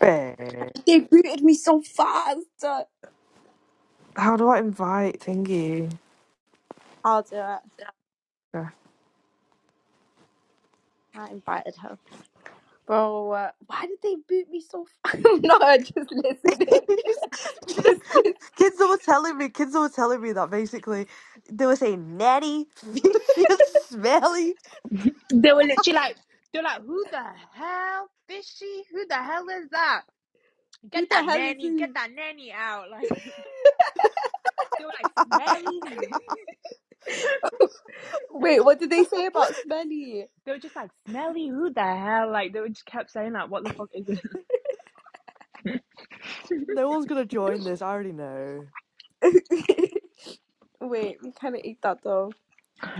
Babe, They booted me so fast. how do I invite Thingy? I'll do it. Yeah. I invited her. Bro, uh, why did they boot me so fast? I'm not just listening. just listen. kids were telling me, kids were telling me that basically they were saying natty, fishy, and smelly. They were literally like, they're like, who the hell is she? Who the hell is that? Get Who the that hell is nanny, get who? that nanny out. Like, they were like, smelly. Wait, what did they say about smelly? They were just like, smelly, who the hell? Like, they were just kept saying, like, what the fuck is this? no one's gonna join this. I already know. Wait, we kind of eat that though.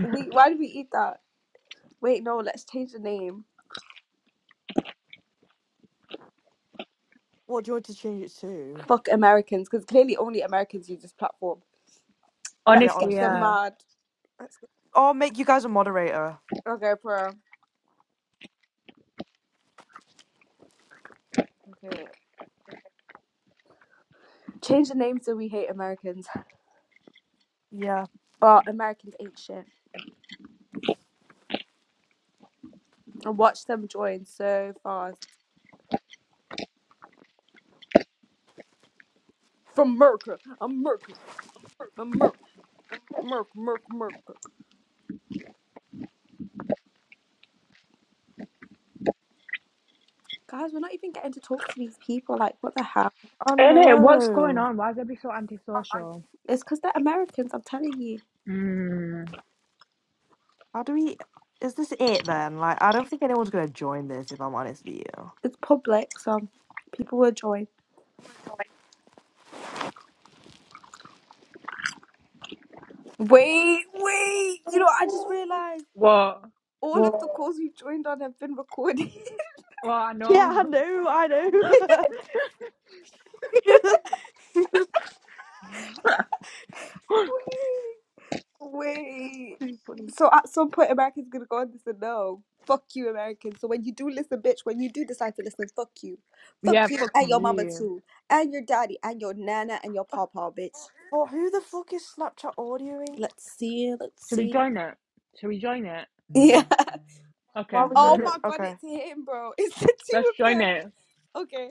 We why did we eat that? Wait, no, let's change the name. What do you want to change it to? Fuck Americans, because clearly only Americans use this platform. Yeah, Let's get Honestly, them honestly. yeah. mad. Let's get, Or make you guys a moderator. okay, bro. Okay, wait. Change the name so we hate Americans. Yeah. But Americans ain't shit. I watched them join so fast. From Merker, I'm Merker, I'm Merker, Merk, Merk, Merker. Guys, we're not even getting to talk to these people. Like, what the hell? I And it, what's going know. on? Why is everybody so antisocial? It's because they're Americans, I'm telling you. Mm. How do we? Is this it then? Like, I don't think anyone's gonna join this. If I'm honest with It's public, so people will join. Wait, wait! You know, I just realised What? all of the you. calls we've joined on have been recorded. Well, I Yeah, know. I know, I know. Wait. Wait. Too funny. So at some point, Americans gonna go on this and no, fuck you, Americans. So when you do listen, bitch, when you do decide to listen, fuck you, fuck Yeah, you, fuck and your mama you. too, and your daddy, and your nana, and your Uh, papa, bitch. Well, who the fuck is Snapchat audioing? Let's see, let's Should we see. join it? Should we join it? Yeah. Why Okay, are we Oh joining my it? god, Okay. it's him, bro. It's the let's two of join them. it. Okay.